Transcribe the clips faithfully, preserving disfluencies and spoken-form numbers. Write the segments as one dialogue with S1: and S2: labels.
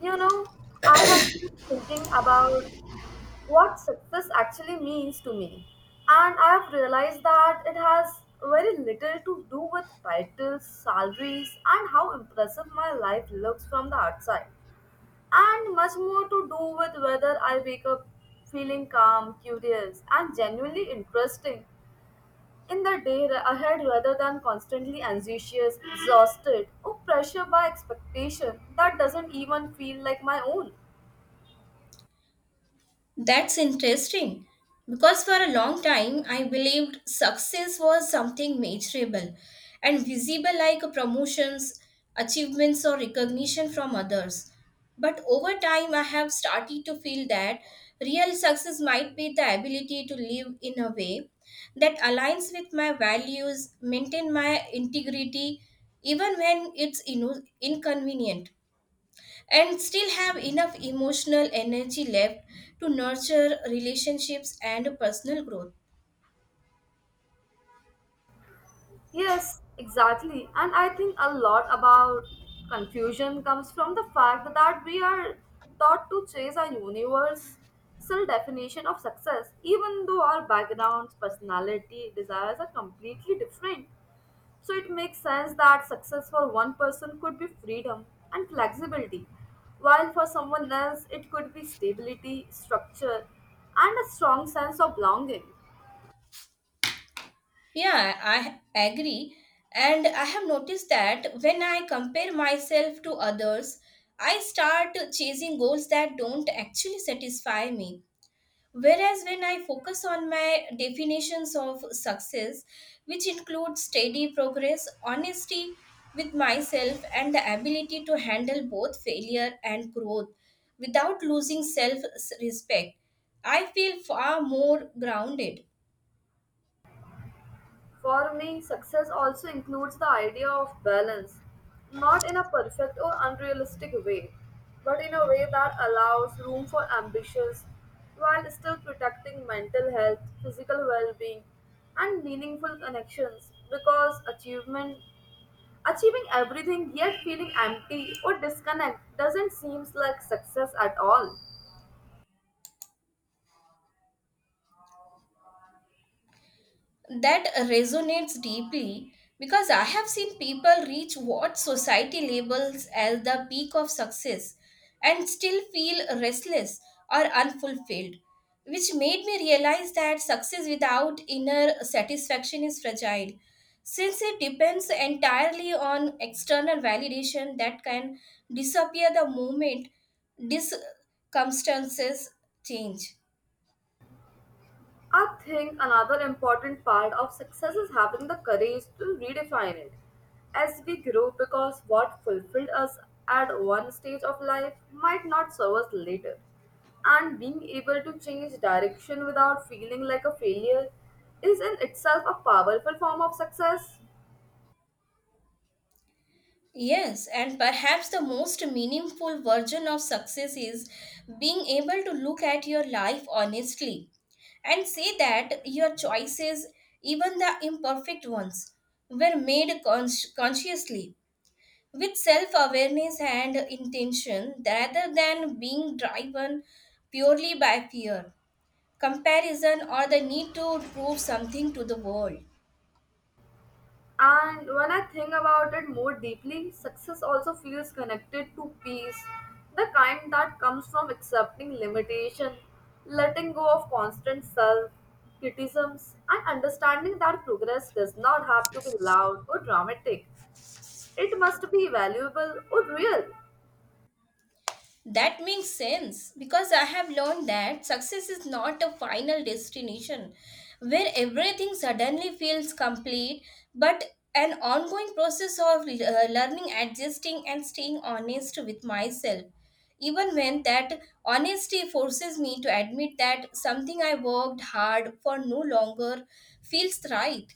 S1: You know, I have been thinking about what success actually means to me, and I have realized that it has very little to do with titles, salaries, and how impressive my life looks from the outside, and much more to do with whether I wake up feeling calm, curious, and genuinely interesting in the day ra- ahead rather than constantly anxious, exhausted, or pressured by expectation that doesn't even feel like my own.
S2: That's interesting because for a long time I believed success was something measurable and visible like promotions, achievements, or recognition from others. But over time, I have started to feel that real success might be the ability to live in a way that aligns with my values, maintain my integrity, even when it's inu- inconvenient and still have enough emotional energy left to nurture relationships and personal growth.
S1: Yes, exactly. And I think a lot about confusion comes from the fact that we are taught to chase a universal definition of success, even though our backgrounds, personality, desires are completely different. So it makes sense that success for one person could be freedom and flexibility, while for someone else it could be stability, structure, and a strong sense of belonging.
S2: Yeah, I agree. And I have noticed that when I compare myself to others, I start chasing goals that don't actually satisfy me. Whereas when I focus on my definitions of success, which include steady progress, honesty with myself, and the ability to handle both failure and growth without losing self respect, I feel far more grounded.
S1: For me, success also includes the idea of balance, not in a perfect or unrealistic way, but in a way that allows room for ambitions while still protecting mental health, physical well being, and meaningful connections. Because achievement Achieving everything yet feeling empty or disconnect doesn't seem like success at all.
S2: That resonates deeply because I have seen people reach what society labels as the peak of success and still feel restless or unfulfilled, which made me realize that success without inner satisfaction is fragile since it depends entirely on external validation that can disappear the moment circumstances change.
S1: I think another important part of success is having the courage to redefine it as we grow because what fulfilled us at one stage of life might not serve us later. And being able to change direction without feeling like a failure is in itself a powerful form of success.
S2: Yes, and perhaps the most meaningful version of success is being able to look at your life honestly and say that your choices, even the imperfect ones, were made cons- consciously with self awareness and intention rather than being driven purely by fear, comparison, or the need to prove something to the world.
S1: And when I think about it more deeply, success also feels connected to peace, the kind that comes from accepting limitation, letting go of constant self criticisms, and understanding that progress does not have to be loud or dramatic. It must be valuable or real.
S2: That makes sense because I have learned that success is not a final destination where everything suddenly feels complete, but an ongoing process of uh, learning, adjusting, and staying honest with myself. Even when that honesty forces me to admit that something I worked hard for no longer feels right.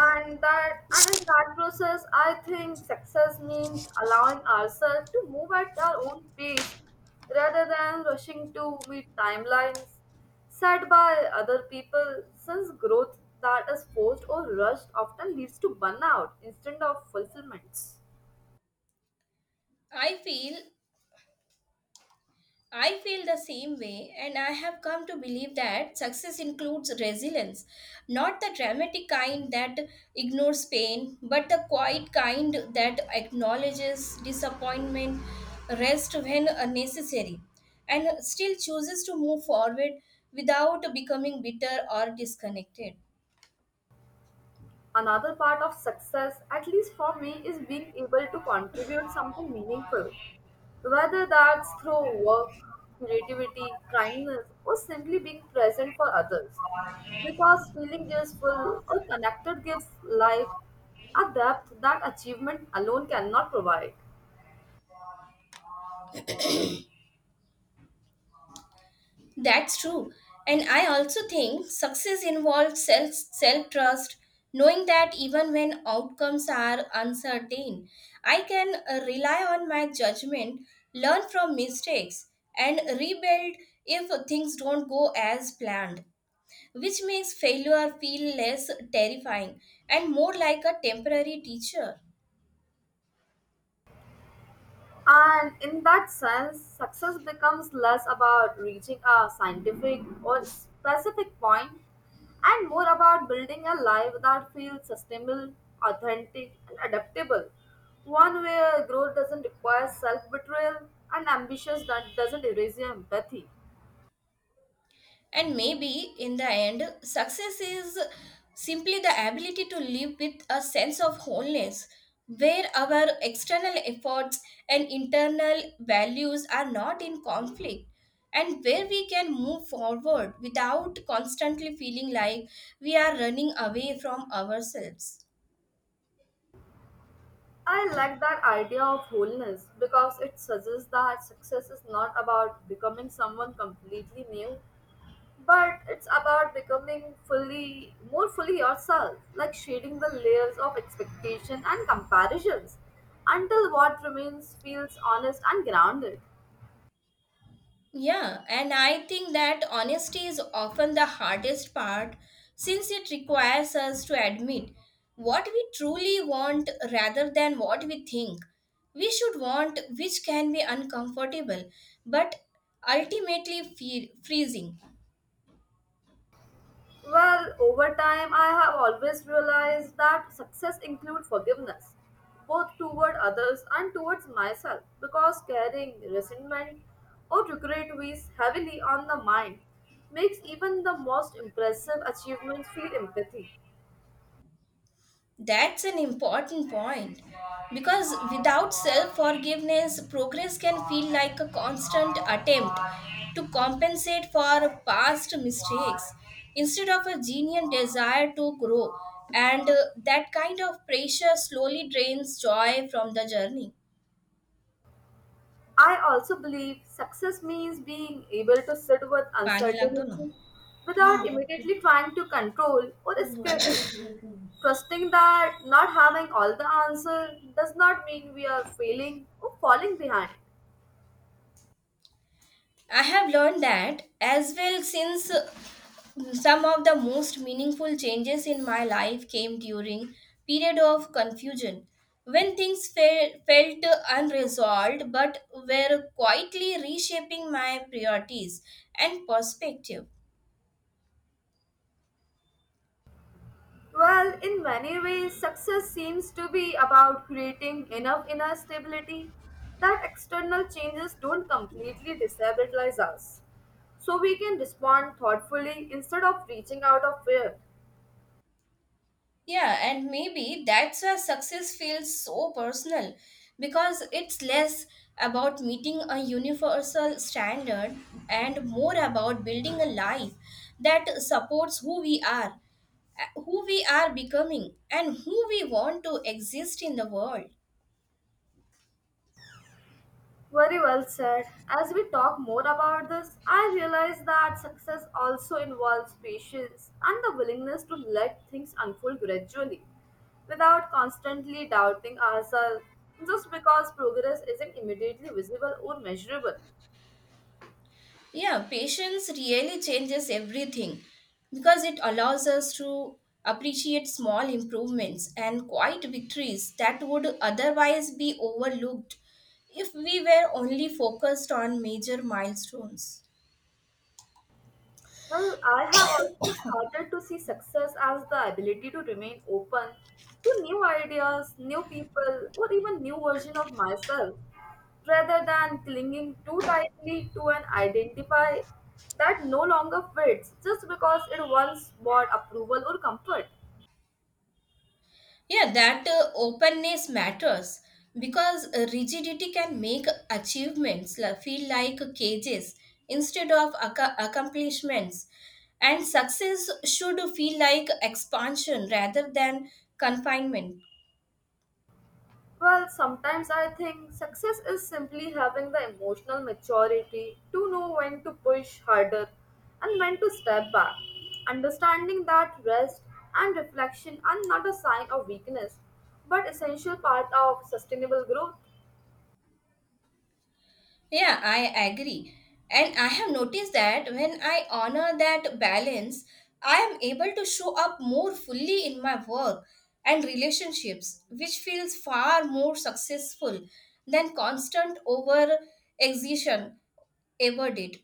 S1: and that and in that process, I think success means allowing ourselves to move at our own pace rather than rushing to meet timelines set by other people, since growth that is forced or rushed often leads to burnout instead of fulfillments.
S2: I feel I feel the same way, and I have come to believe that success includes resilience, not the dramatic kind that ignores pain, but the quiet kind that acknowledges disappointment, rest when necessary, and still chooses to move forward without becoming bitter or disconnected.
S1: Another part of success, at least for me, is being able to contribute something meaningful. Whether that's through work, creativity, kindness, or simply being present for others. Because feeling useful or connected gives life a depth that achievement alone cannot provide.
S2: That's true. And I also think success involves self self trust, knowing that even when outcomes are uncertain, I can uh, rely on my judgment, learn from mistakes, and rebuild if things don't go as planned, which makes failure feel less terrifying and more like a temporary teacher.
S1: And in that sense, success becomes less about reaching a scientific or specific point and more about building a life that feels sustainable, authentic, and adaptable. One where growth doesn't require self betrayal and ambitions that doesn't erase your empathy.
S2: And maybe in the end, success is simply the ability to live with a sense of wholeness, where our external efforts and internal values are not in conflict, and where we can move forward without constantly feeling like we are running away from ourselves.
S1: I like that idea of wholeness because it suggests that success is not about becoming someone completely new, but it's about becoming fully, more fully yourself, like shedding the layers of expectation and comparisons until what remains feels honest and grounded.
S2: Yeah, and I think that honesty is often the hardest part since it requires us to admit what we truly want rather than what we think we should want, which can be uncomfortable but ultimately feel freezing.
S1: Well, over time I have always realized that success includes forgiveness, both toward others and towards myself, because carrying resentment or regret weighs heavily on the mind, makes even the most impressive achievements feel empathy.
S2: That's an important point because without self forgiveness, progress can feel like a constant attempt to compensate for past mistakes instead of a genuine desire to grow, and uh, that kind of pressure slowly drains joy from the journey.
S1: I also believe success means being able to sit with
S2: पानी लाग दो ना.
S1: uncertainty without immediately trying to control or escape it. Trusting that not having all the answer does not mean we are failing or falling behind.
S2: I have learned that as well since some of the most meaningful changes in my life came during period of confusion when things fe- felt unresolved but were quietly reshaping my priorities and perspective.
S1: Well, in many ways, success seems to be about creating enough inner stability that external changes don't completely destabilize us so we can respond thoughtfully instead of reaching out of fear.
S2: Yeah, and maybe that's why success feels so personal because it's less about meeting a universal standard and more about building a life that supports who we are, uh, who we are becoming, and who we want to exist in the world.
S1: Very well said. As we talk more about this, I realize that success also involves patience and the willingness to let things unfold gradually without constantly doubting ourselves just because progress isn't immediately visible or measurable.
S2: Yeah, patience really changes everything because it allows us to appreciate small improvements and quiet victories that would otherwise be overlooked if we were only focused on major milestones.
S1: Well, I have also started to see success as the ability to remain open to new ideas, new people, or even new version of myself, rather than clinging too tightly to an identify that no longer fits just because it once brought approval or comfort.
S2: Yeah, that uh, openness matters because uh, rigidity can make achievements la- feel like cages instead of acco- accomplishments. And success should feel like expansion rather than confinement.
S1: Well, sometimes I think success is simply having the emotional maturity to know when to push harder and when to step back. Understanding that rest and reflection are not a sign of weakness but essential part of sustainable growth.
S2: Yeah, I agree. And I have noticed that when I honor that balance, I am able to show up more fully in my work and relationships, which feels far more successful than constant over exertion ever did.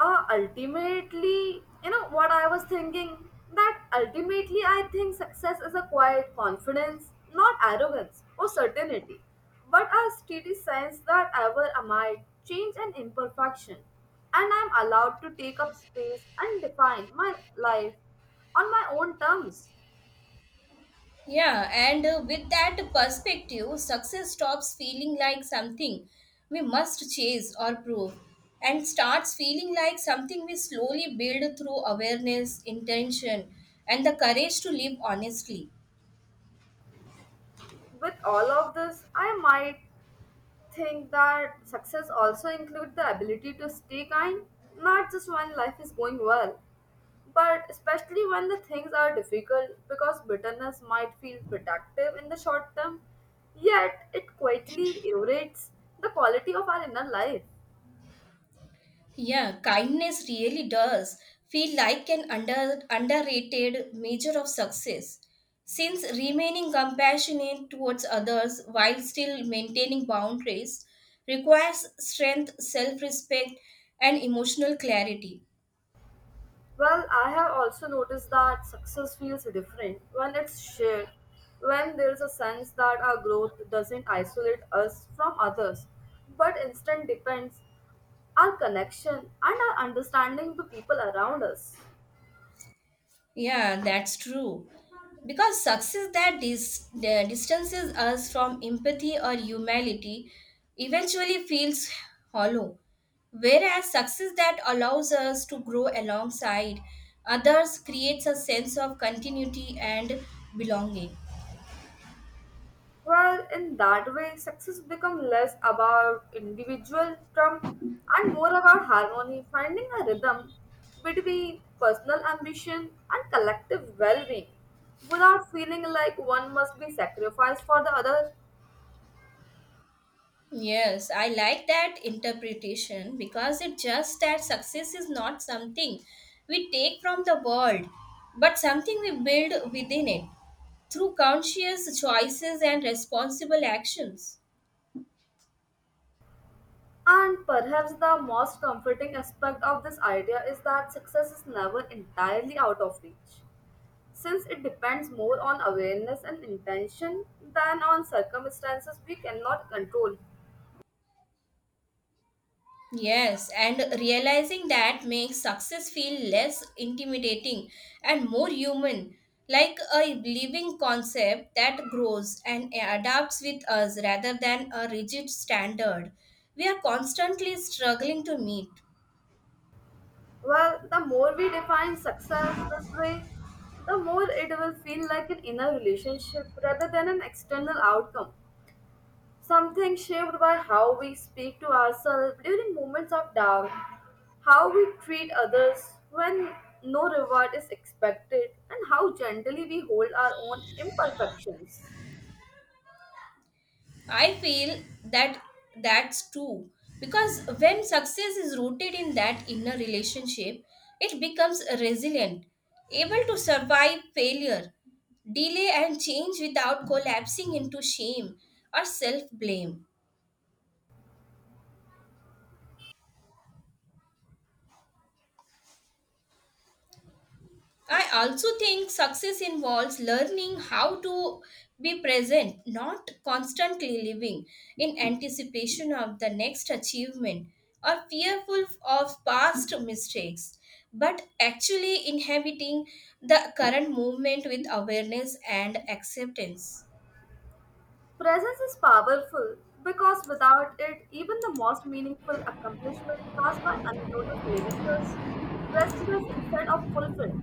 S1: uh, Ultimately, you know what I was thinking? That ultimately, I think success is a quiet confidence, not arrogance or certainty, but a steady sense that ever am I, change and imperfection, and I'm allowed to take up space and define my life on my own terms.
S2: Yeah, and uh, with that perspective, success stops feeling like something we must chase or prove and starts feeling like something we slowly build through awareness, intention, and the courage to live honestly.
S1: With all of this, I might think that success also includes the ability to stay kind, not just when life is going well, but especially when the things are difficult because bitterness might feel protective in the short term, yet it quietly erodes the quality of our inner life.
S2: Yeah, kindness really does feel like an under, underrated measure of success. Since remaining compassionate towards others while still maintaining boundaries requires strength, self respect, and emotional clarity.
S1: Well, I have also noticed that success feels different when it's shared, when there's a sense that our growth doesn't isolate us from others, but instead depends our connection and our understanding to people around us.
S2: Yeah, that's true. Because success that dis- the distances us from empathy or humanity eventually feels hollow. Whereas success that allows us to grow alongside others creates a sense of continuity and belonging.
S1: Well, in that way, success becomes less about individual trump and more about harmony, finding a rhythm between personal ambition and collective well being without feeling like one must be sacrificed for the other.
S2: Yes, I like that interpretation because it just that success is not something we take from the world, but something we build within it, through conscious choices and responsible actions.
S1: And perhaps the most comforting aspect of this idea is that success is never entirely out of reach, since it depends more on awareness and intention than on circumstances we cannot control.
S2: Yes, and realizing that makes success feel less intimidating and more human, like a living concept that grows and adapts with us rather than a rigid standard we are constantly struggling to meet.
S1: Well, the more we define success this way, the more it will feel like an inner relationship rather than an external outcome. Something shaped by how we speak to ourselves during moments of doubt, how we treat others when no reward is expected, and how gently we hold our own imperfections.
S2: I feel that that's true because when success is rooted in that inner relationship, it becomes resilient, able to survive failure, delay, and change without collapsing into shame or self blame. I also think success involves learning how to be present, not constantly living in anticipation of the next achievement or fearful of past mistakes, but actually inhabiting the current moment with awareness and acceptance.
S1: Presence is powerful because without it, even the most meaningful accomplishment pass by unnoticed, leaving us restless instead of fulfilled.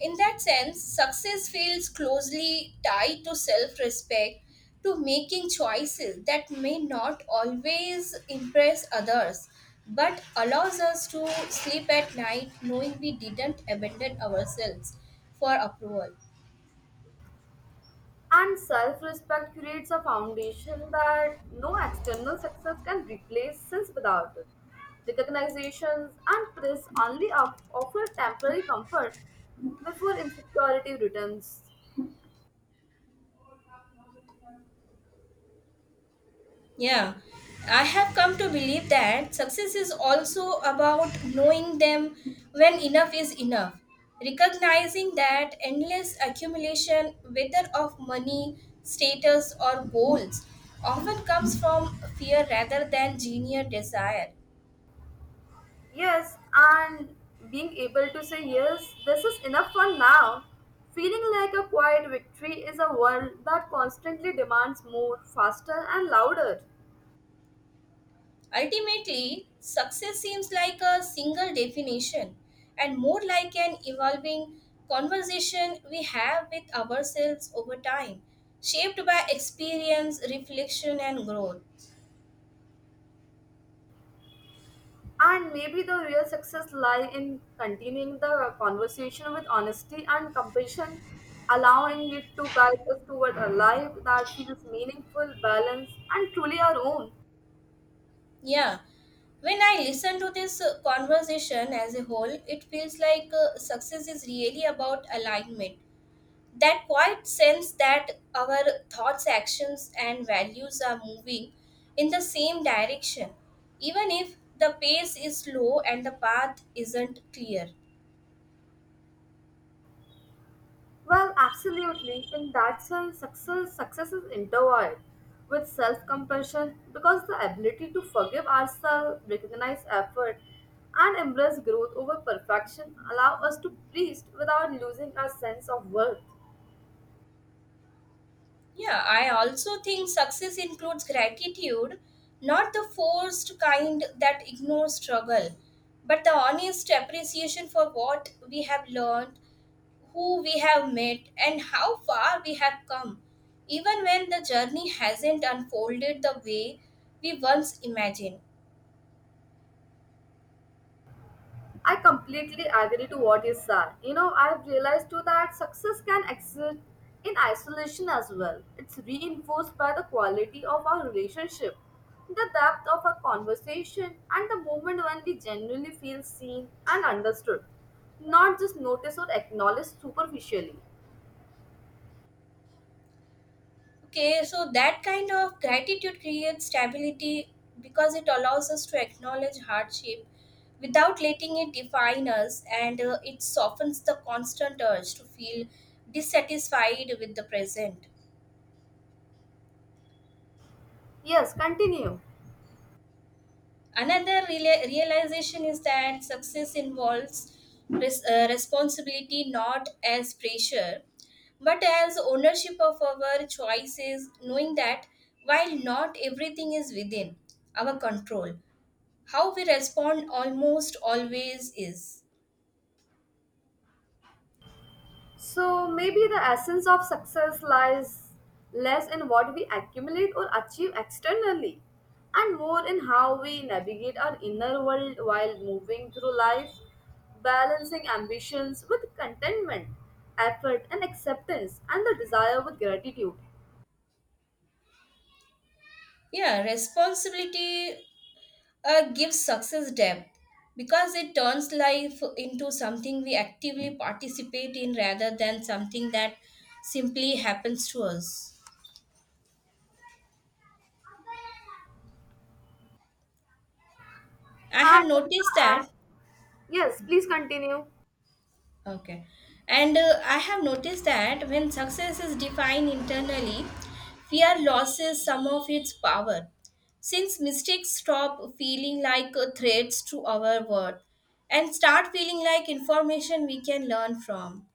S2: In that sense, success feels closely tied to self respect, to making choices that may not always impress others, but allows us to sleep at night knowing we didn't abandon ourselves for approval.
S1: And self respect creates a foundation that no external success can replace, since without it, recognitions and praise only of- offer temporary comfort before insecurity returns.
S2: Yeah, I have come to believe that success is also about knowing them when enough is enough. Recognizing that endless accumulation, whether of money, status, or goals, often comes from fear rather than genuine desire.
S1: Yes, and being able to say yes, this is enough for now. Feeling like a quiet victory is a world that constantly demands more, faster, and louder.
S2: Ultimately, success seems like a single definition and more like an evolving conversation we have with ourselves over time, shaped by experience, reflection, and growth.
S1: And maybe the real success lies in continuing the conversation with honesty and compassion, allowing it to guide us toward a life that feels meaningful, balanced, and truly our own.
S2: Yeah, when I listen to this uh, conversation as a whole, it feels like uh, success is really about alignment, that quiet sense that our thoughts, actions, and values are moving in the same direction, even if the pace is slow and the path isn't clear.
S1: Well, absolutely. In that sense, success, success is intertwined with self-compassion because the ability to forgive ourselves, recognize effort, and embrace growth over perfection allow us to breathe without losing our sense of worth.
S2: Yeah, I also think success includes gratitude, not the forced kind that ignores struggle, but the honest appreciation for what we have learned, who we have met, and how far we have come, even when the journey hasn't unfolded the way we once imagined.
S1: I completely agree to what you said. You know, I've realized too that success can exist in isolation as well. It's reinforced by the quality of our relationship, the depth of our conversation, and the moment when we genuinely feel seen and understood, not just noticed or acknowledged superficially.
S2: Okay, so that kind of gratitude creates stability because it allows us to acknowledge hardship without letting it define us, and uh, it softens the constant urge to feel dissatisfied with the present.
S1: Yes, continue.
S2: Another reala- realization is that success involves res- uh, responsibility, not as pressure but as ownership of our choices, knowing that while not everything is within our control, how we respond almost always is.
S1: So maybe the essence of success lies less in what we accumulate or achieve externally and more in how we navigate our inner world while moving through life, balancing ambitions with contentment, effort and acceptance and the desire with gratitude.
S2: Yeah, responsibility uh, gives success depth because it turns life into something we actively participate in rather than something that simply happens to us. I have
S1: And,
S2: noticed that.
S1: and Yes, please continue.
S2: Okay. And uh, I have noticed that when success is defined internally, fear loses some of its power. Since mistakes stop feeling like uh, threats to our worth and start feeling like information we can learn from.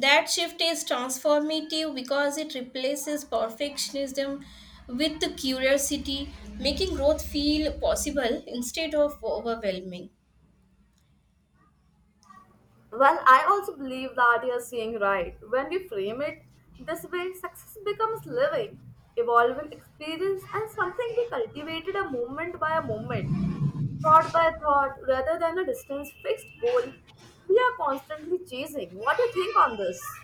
S2: That shift is transformative because it replaces perfectionism with curiosity, making growth feel possible instead of overwhelming.
S1: Well, I also believe that you're seeing right. When we frame it this way, success becomes living, evolving experience, and something we cultivated a moment by a moment, thought by thought, rather than a distance fixed goal we are constantly chasing. What do you think on this?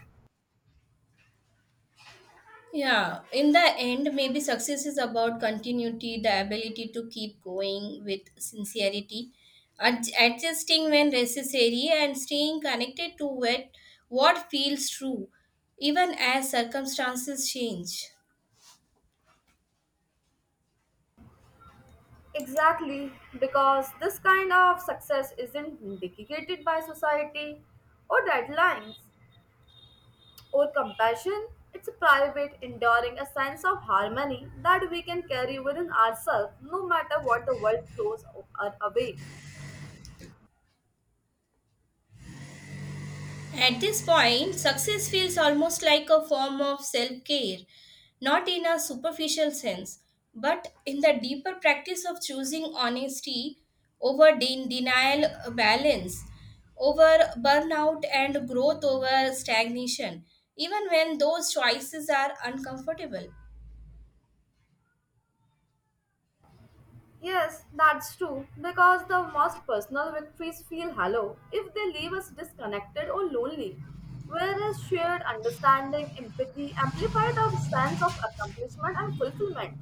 S2: Yeah, in the end, maybe success is about continuity, the ability to keep going with sincerity, ad- adjusting when necessary, and staying connected to what, what feels true, even as circumstances change.
S1: Exactly, because this kind of success isn't dictated by society or deadlines. Or compassion? It's a private, enduring, a sense of harmony that we can carry within ourselves no matter what the world throws our away.
S2: At this point, success feels almost like a form of self care, not in a superficial sense, but in the deeper practice of choosing honesty over de- denial, balance over burnout, and growth over stagnation, even when those choices are uncomfortable.
S1: Yes, that's true, because the most personal victories feel hollow if they leave us disconnected or lonely, whereas shared understanding, empathy amplify our sense of accomplishment and fulfillment.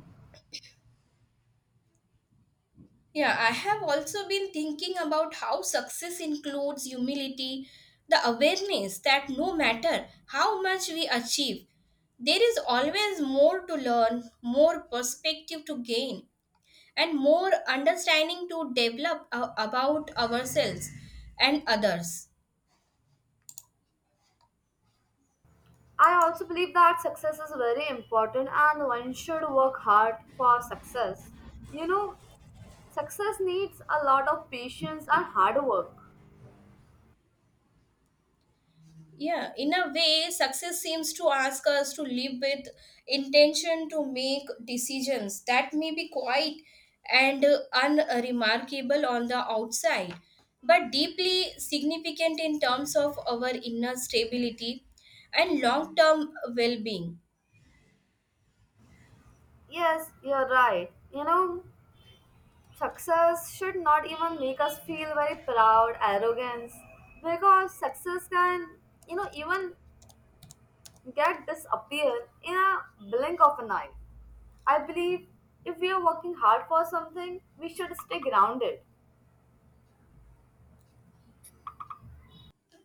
S2: Yeah, I have also been thinking about how success includes humility, the awareness that no matter how much we achieve, there is always more to learn, more perspective to gain, and more understanding to develop uh, about ourselves and others.
S1: I also believe that success is very important and one should work hard for success. You know, success needs a lot of patience and hard work.
S2: Yeah, in a way, success seems to ask us to live with intention, to make decisions that may be quiet and uh, unremarkable on the outside, but deeply significant in terms of our inner stability and long term well being.
S1: Yes, you're right. You know, success should not even make us feel very proud, arrogance, because success can, you know, even get disappear in a blink of an eye. I believe if we are working hard for something, we should stay grounded.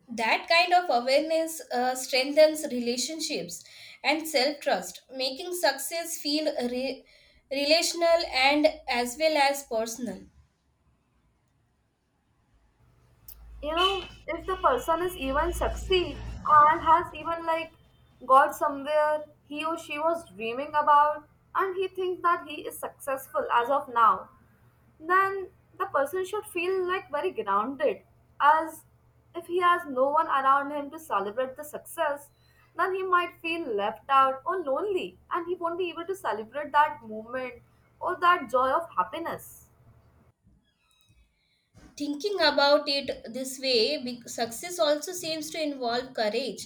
S2: That kind of awareness uh, strengthens relationships and self trust, making success feel re- relational and as well as personal.
S1: You know, if the person is even succeed and has even like got somewhere he or she was dreaming about, and he thinks that he is successful as of now, then the person should feel like very grounded, as if he has no one around him to celebrate the success, then he might feel left out or lonely and he won't be able to celebrate that moment or that joy of happiness.
S2: Thinking about it this way, be- success also seems to involve courage,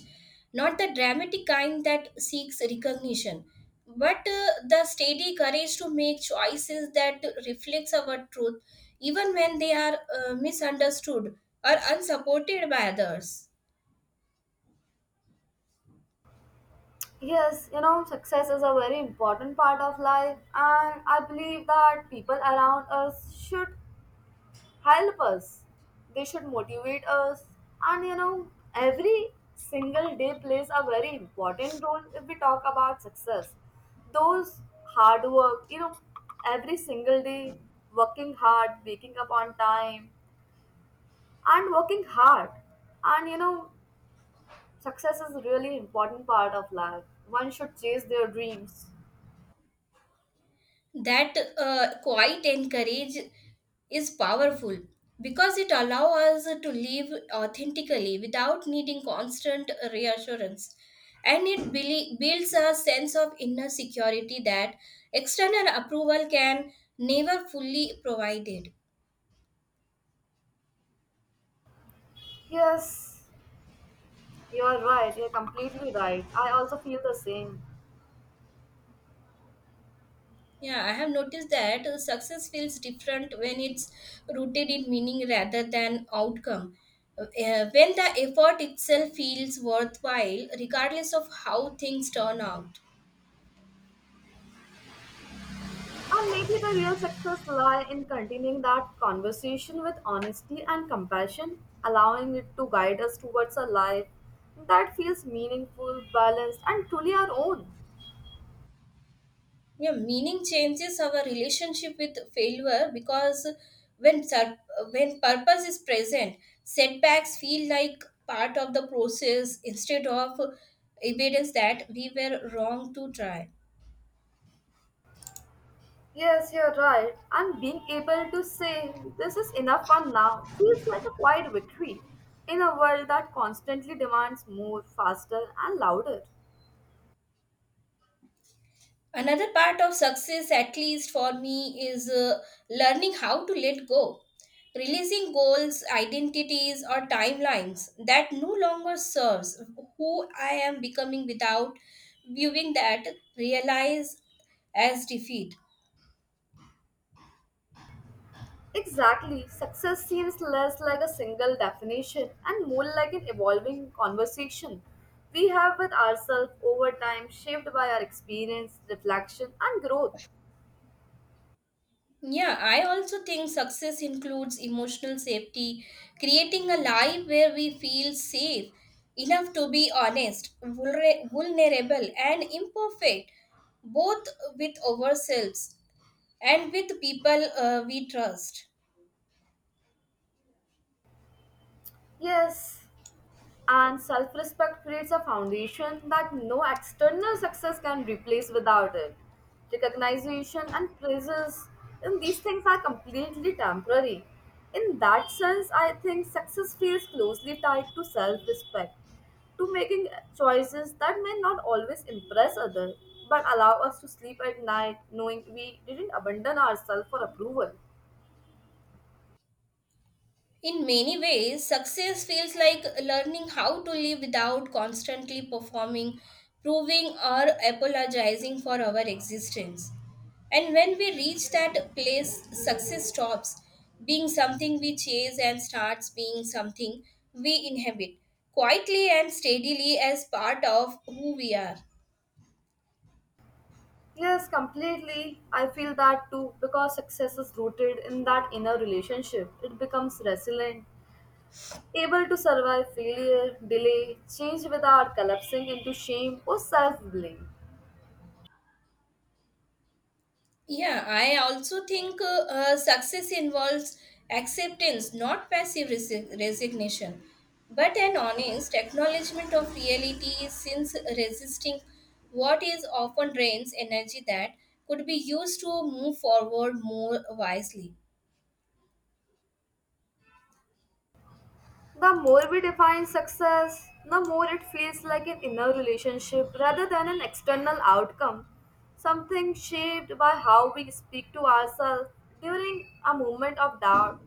S2: not the dramatic kind that seeks recognition, but uh, the steady courage to make choices that reflects our truth, even when they are uh, misunderstood or unsupported by others.
S1: Yes, you know, success is a very important part of life, and I believe that people around us should help us. They should motivate us, and you know, every single day plays a very important role if we talk about success. Those hard work, you know, every single day, working hard, waking up on time, and working hard. And you know, success is really important part of life. One should chase their dreams.
S2: That uh, quiet encourage is powerful because it allows us to live authentically without needing constant reassurance, and it beli- builds a sense of inner security that external approval can never fully provide it.
S1: Yes, you're right. You're completely right. I also feel the same.
S2: Yeah, I have noticed that uh, success feels different when it's rooted in meaning rather than outcome. Uh, uh, when the effort itself feels worthwhile, regardless of how things turn out.
S1: And maybe the real success lie in continuing that conversation with honesty and compassion, allowing it to guide us towards a life that feels meaningful, balanced, and truly our own.
S2: Yeah, meaning changes our relationship with failure because when sur- uh, when purpose is present, setbacks feel like part of the process instead of evidence that we were wrong to try.
S1: Yes, you're right. And being able to say, this is enough for now, feels like a quiet victory in a world that constantly demands more, faster, and louder.
S2: Another part of success, at least for me, is uh, learning how to let go. Releasing goals, identities, or timelines that no longer serves who I am becoming without viewing that realize as defeat.
S1: Exactly. Success seems less like a single definition and more like an evolving conversation we have with ourselves over time, shaped by our experience, reflection, and growth.
S2: Yeah, I also think success includes emotional safety, creating a life where we feel safe enough to be honest, vulner- vulnerable, and imperfect, both with ourselves and with people uh, we trust.
S1: Yes, and self respect creates a foundation that no external success can replace without it. Recognition and praises in these things are completely temporary. In that sense, I think success feels closely tied to self respect, to making choices that may not always impress others but allow us to sleep at night knowing we didn't abandon ourselves for approval.
S2: In many ways, success feels like learning how to live without constantly performing, proving, or apologizing for our existence. And when we reach that place, success stops being something we chase and starts being something we inhabit quietly and steadily as part of who we are.
S1: Yes, completely. I feel that too because success is rooted in that inner relationship. It becomes resilient, able to survive failure, delay, change without collapsing into shame or self blame.
S2: Yeah, I also think uh, uh, success involves acceptance, not passive resi- resignation, but an honest acknowledgement of reality since resisting what is often drains energy that could be used to move forward more wisely.
S1: The more we define success, the more it feels like an inner relationship rather than an external outcome, something shaped by how we speak to ourselves during a moment of doubt,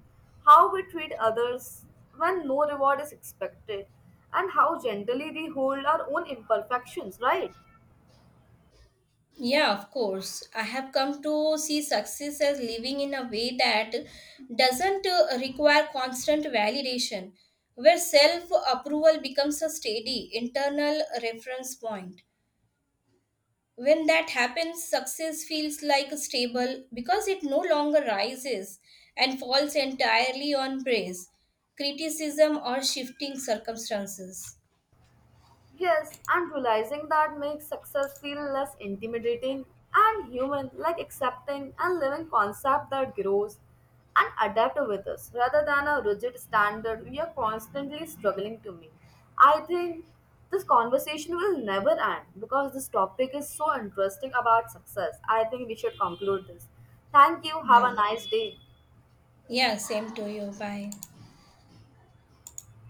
S1: how we treat others when no reward is expected, and how gently we hold our own imperfections, right?
S2: Yeah, of course. I have come to see success as living in a way that doesn't uh, require constant validation, where self approval becomes a steady internal reference point. When that happens, success feels like stable because it no longer rises and falls entirely on praise, criticism, or shifting circumstances.
S1: Yes, and realizing that makes success feel less intimidating and human, like accepting and living concept that grows and adapt with us rather than a rigid standard we are constantly struggling to meet. I think this conversation will never end because this topic is so interesting about success. I think we should conclude this. Thank you. Have a
S2: Yeah.
S1: nice day.
S2: Yeah, same to you. Bye.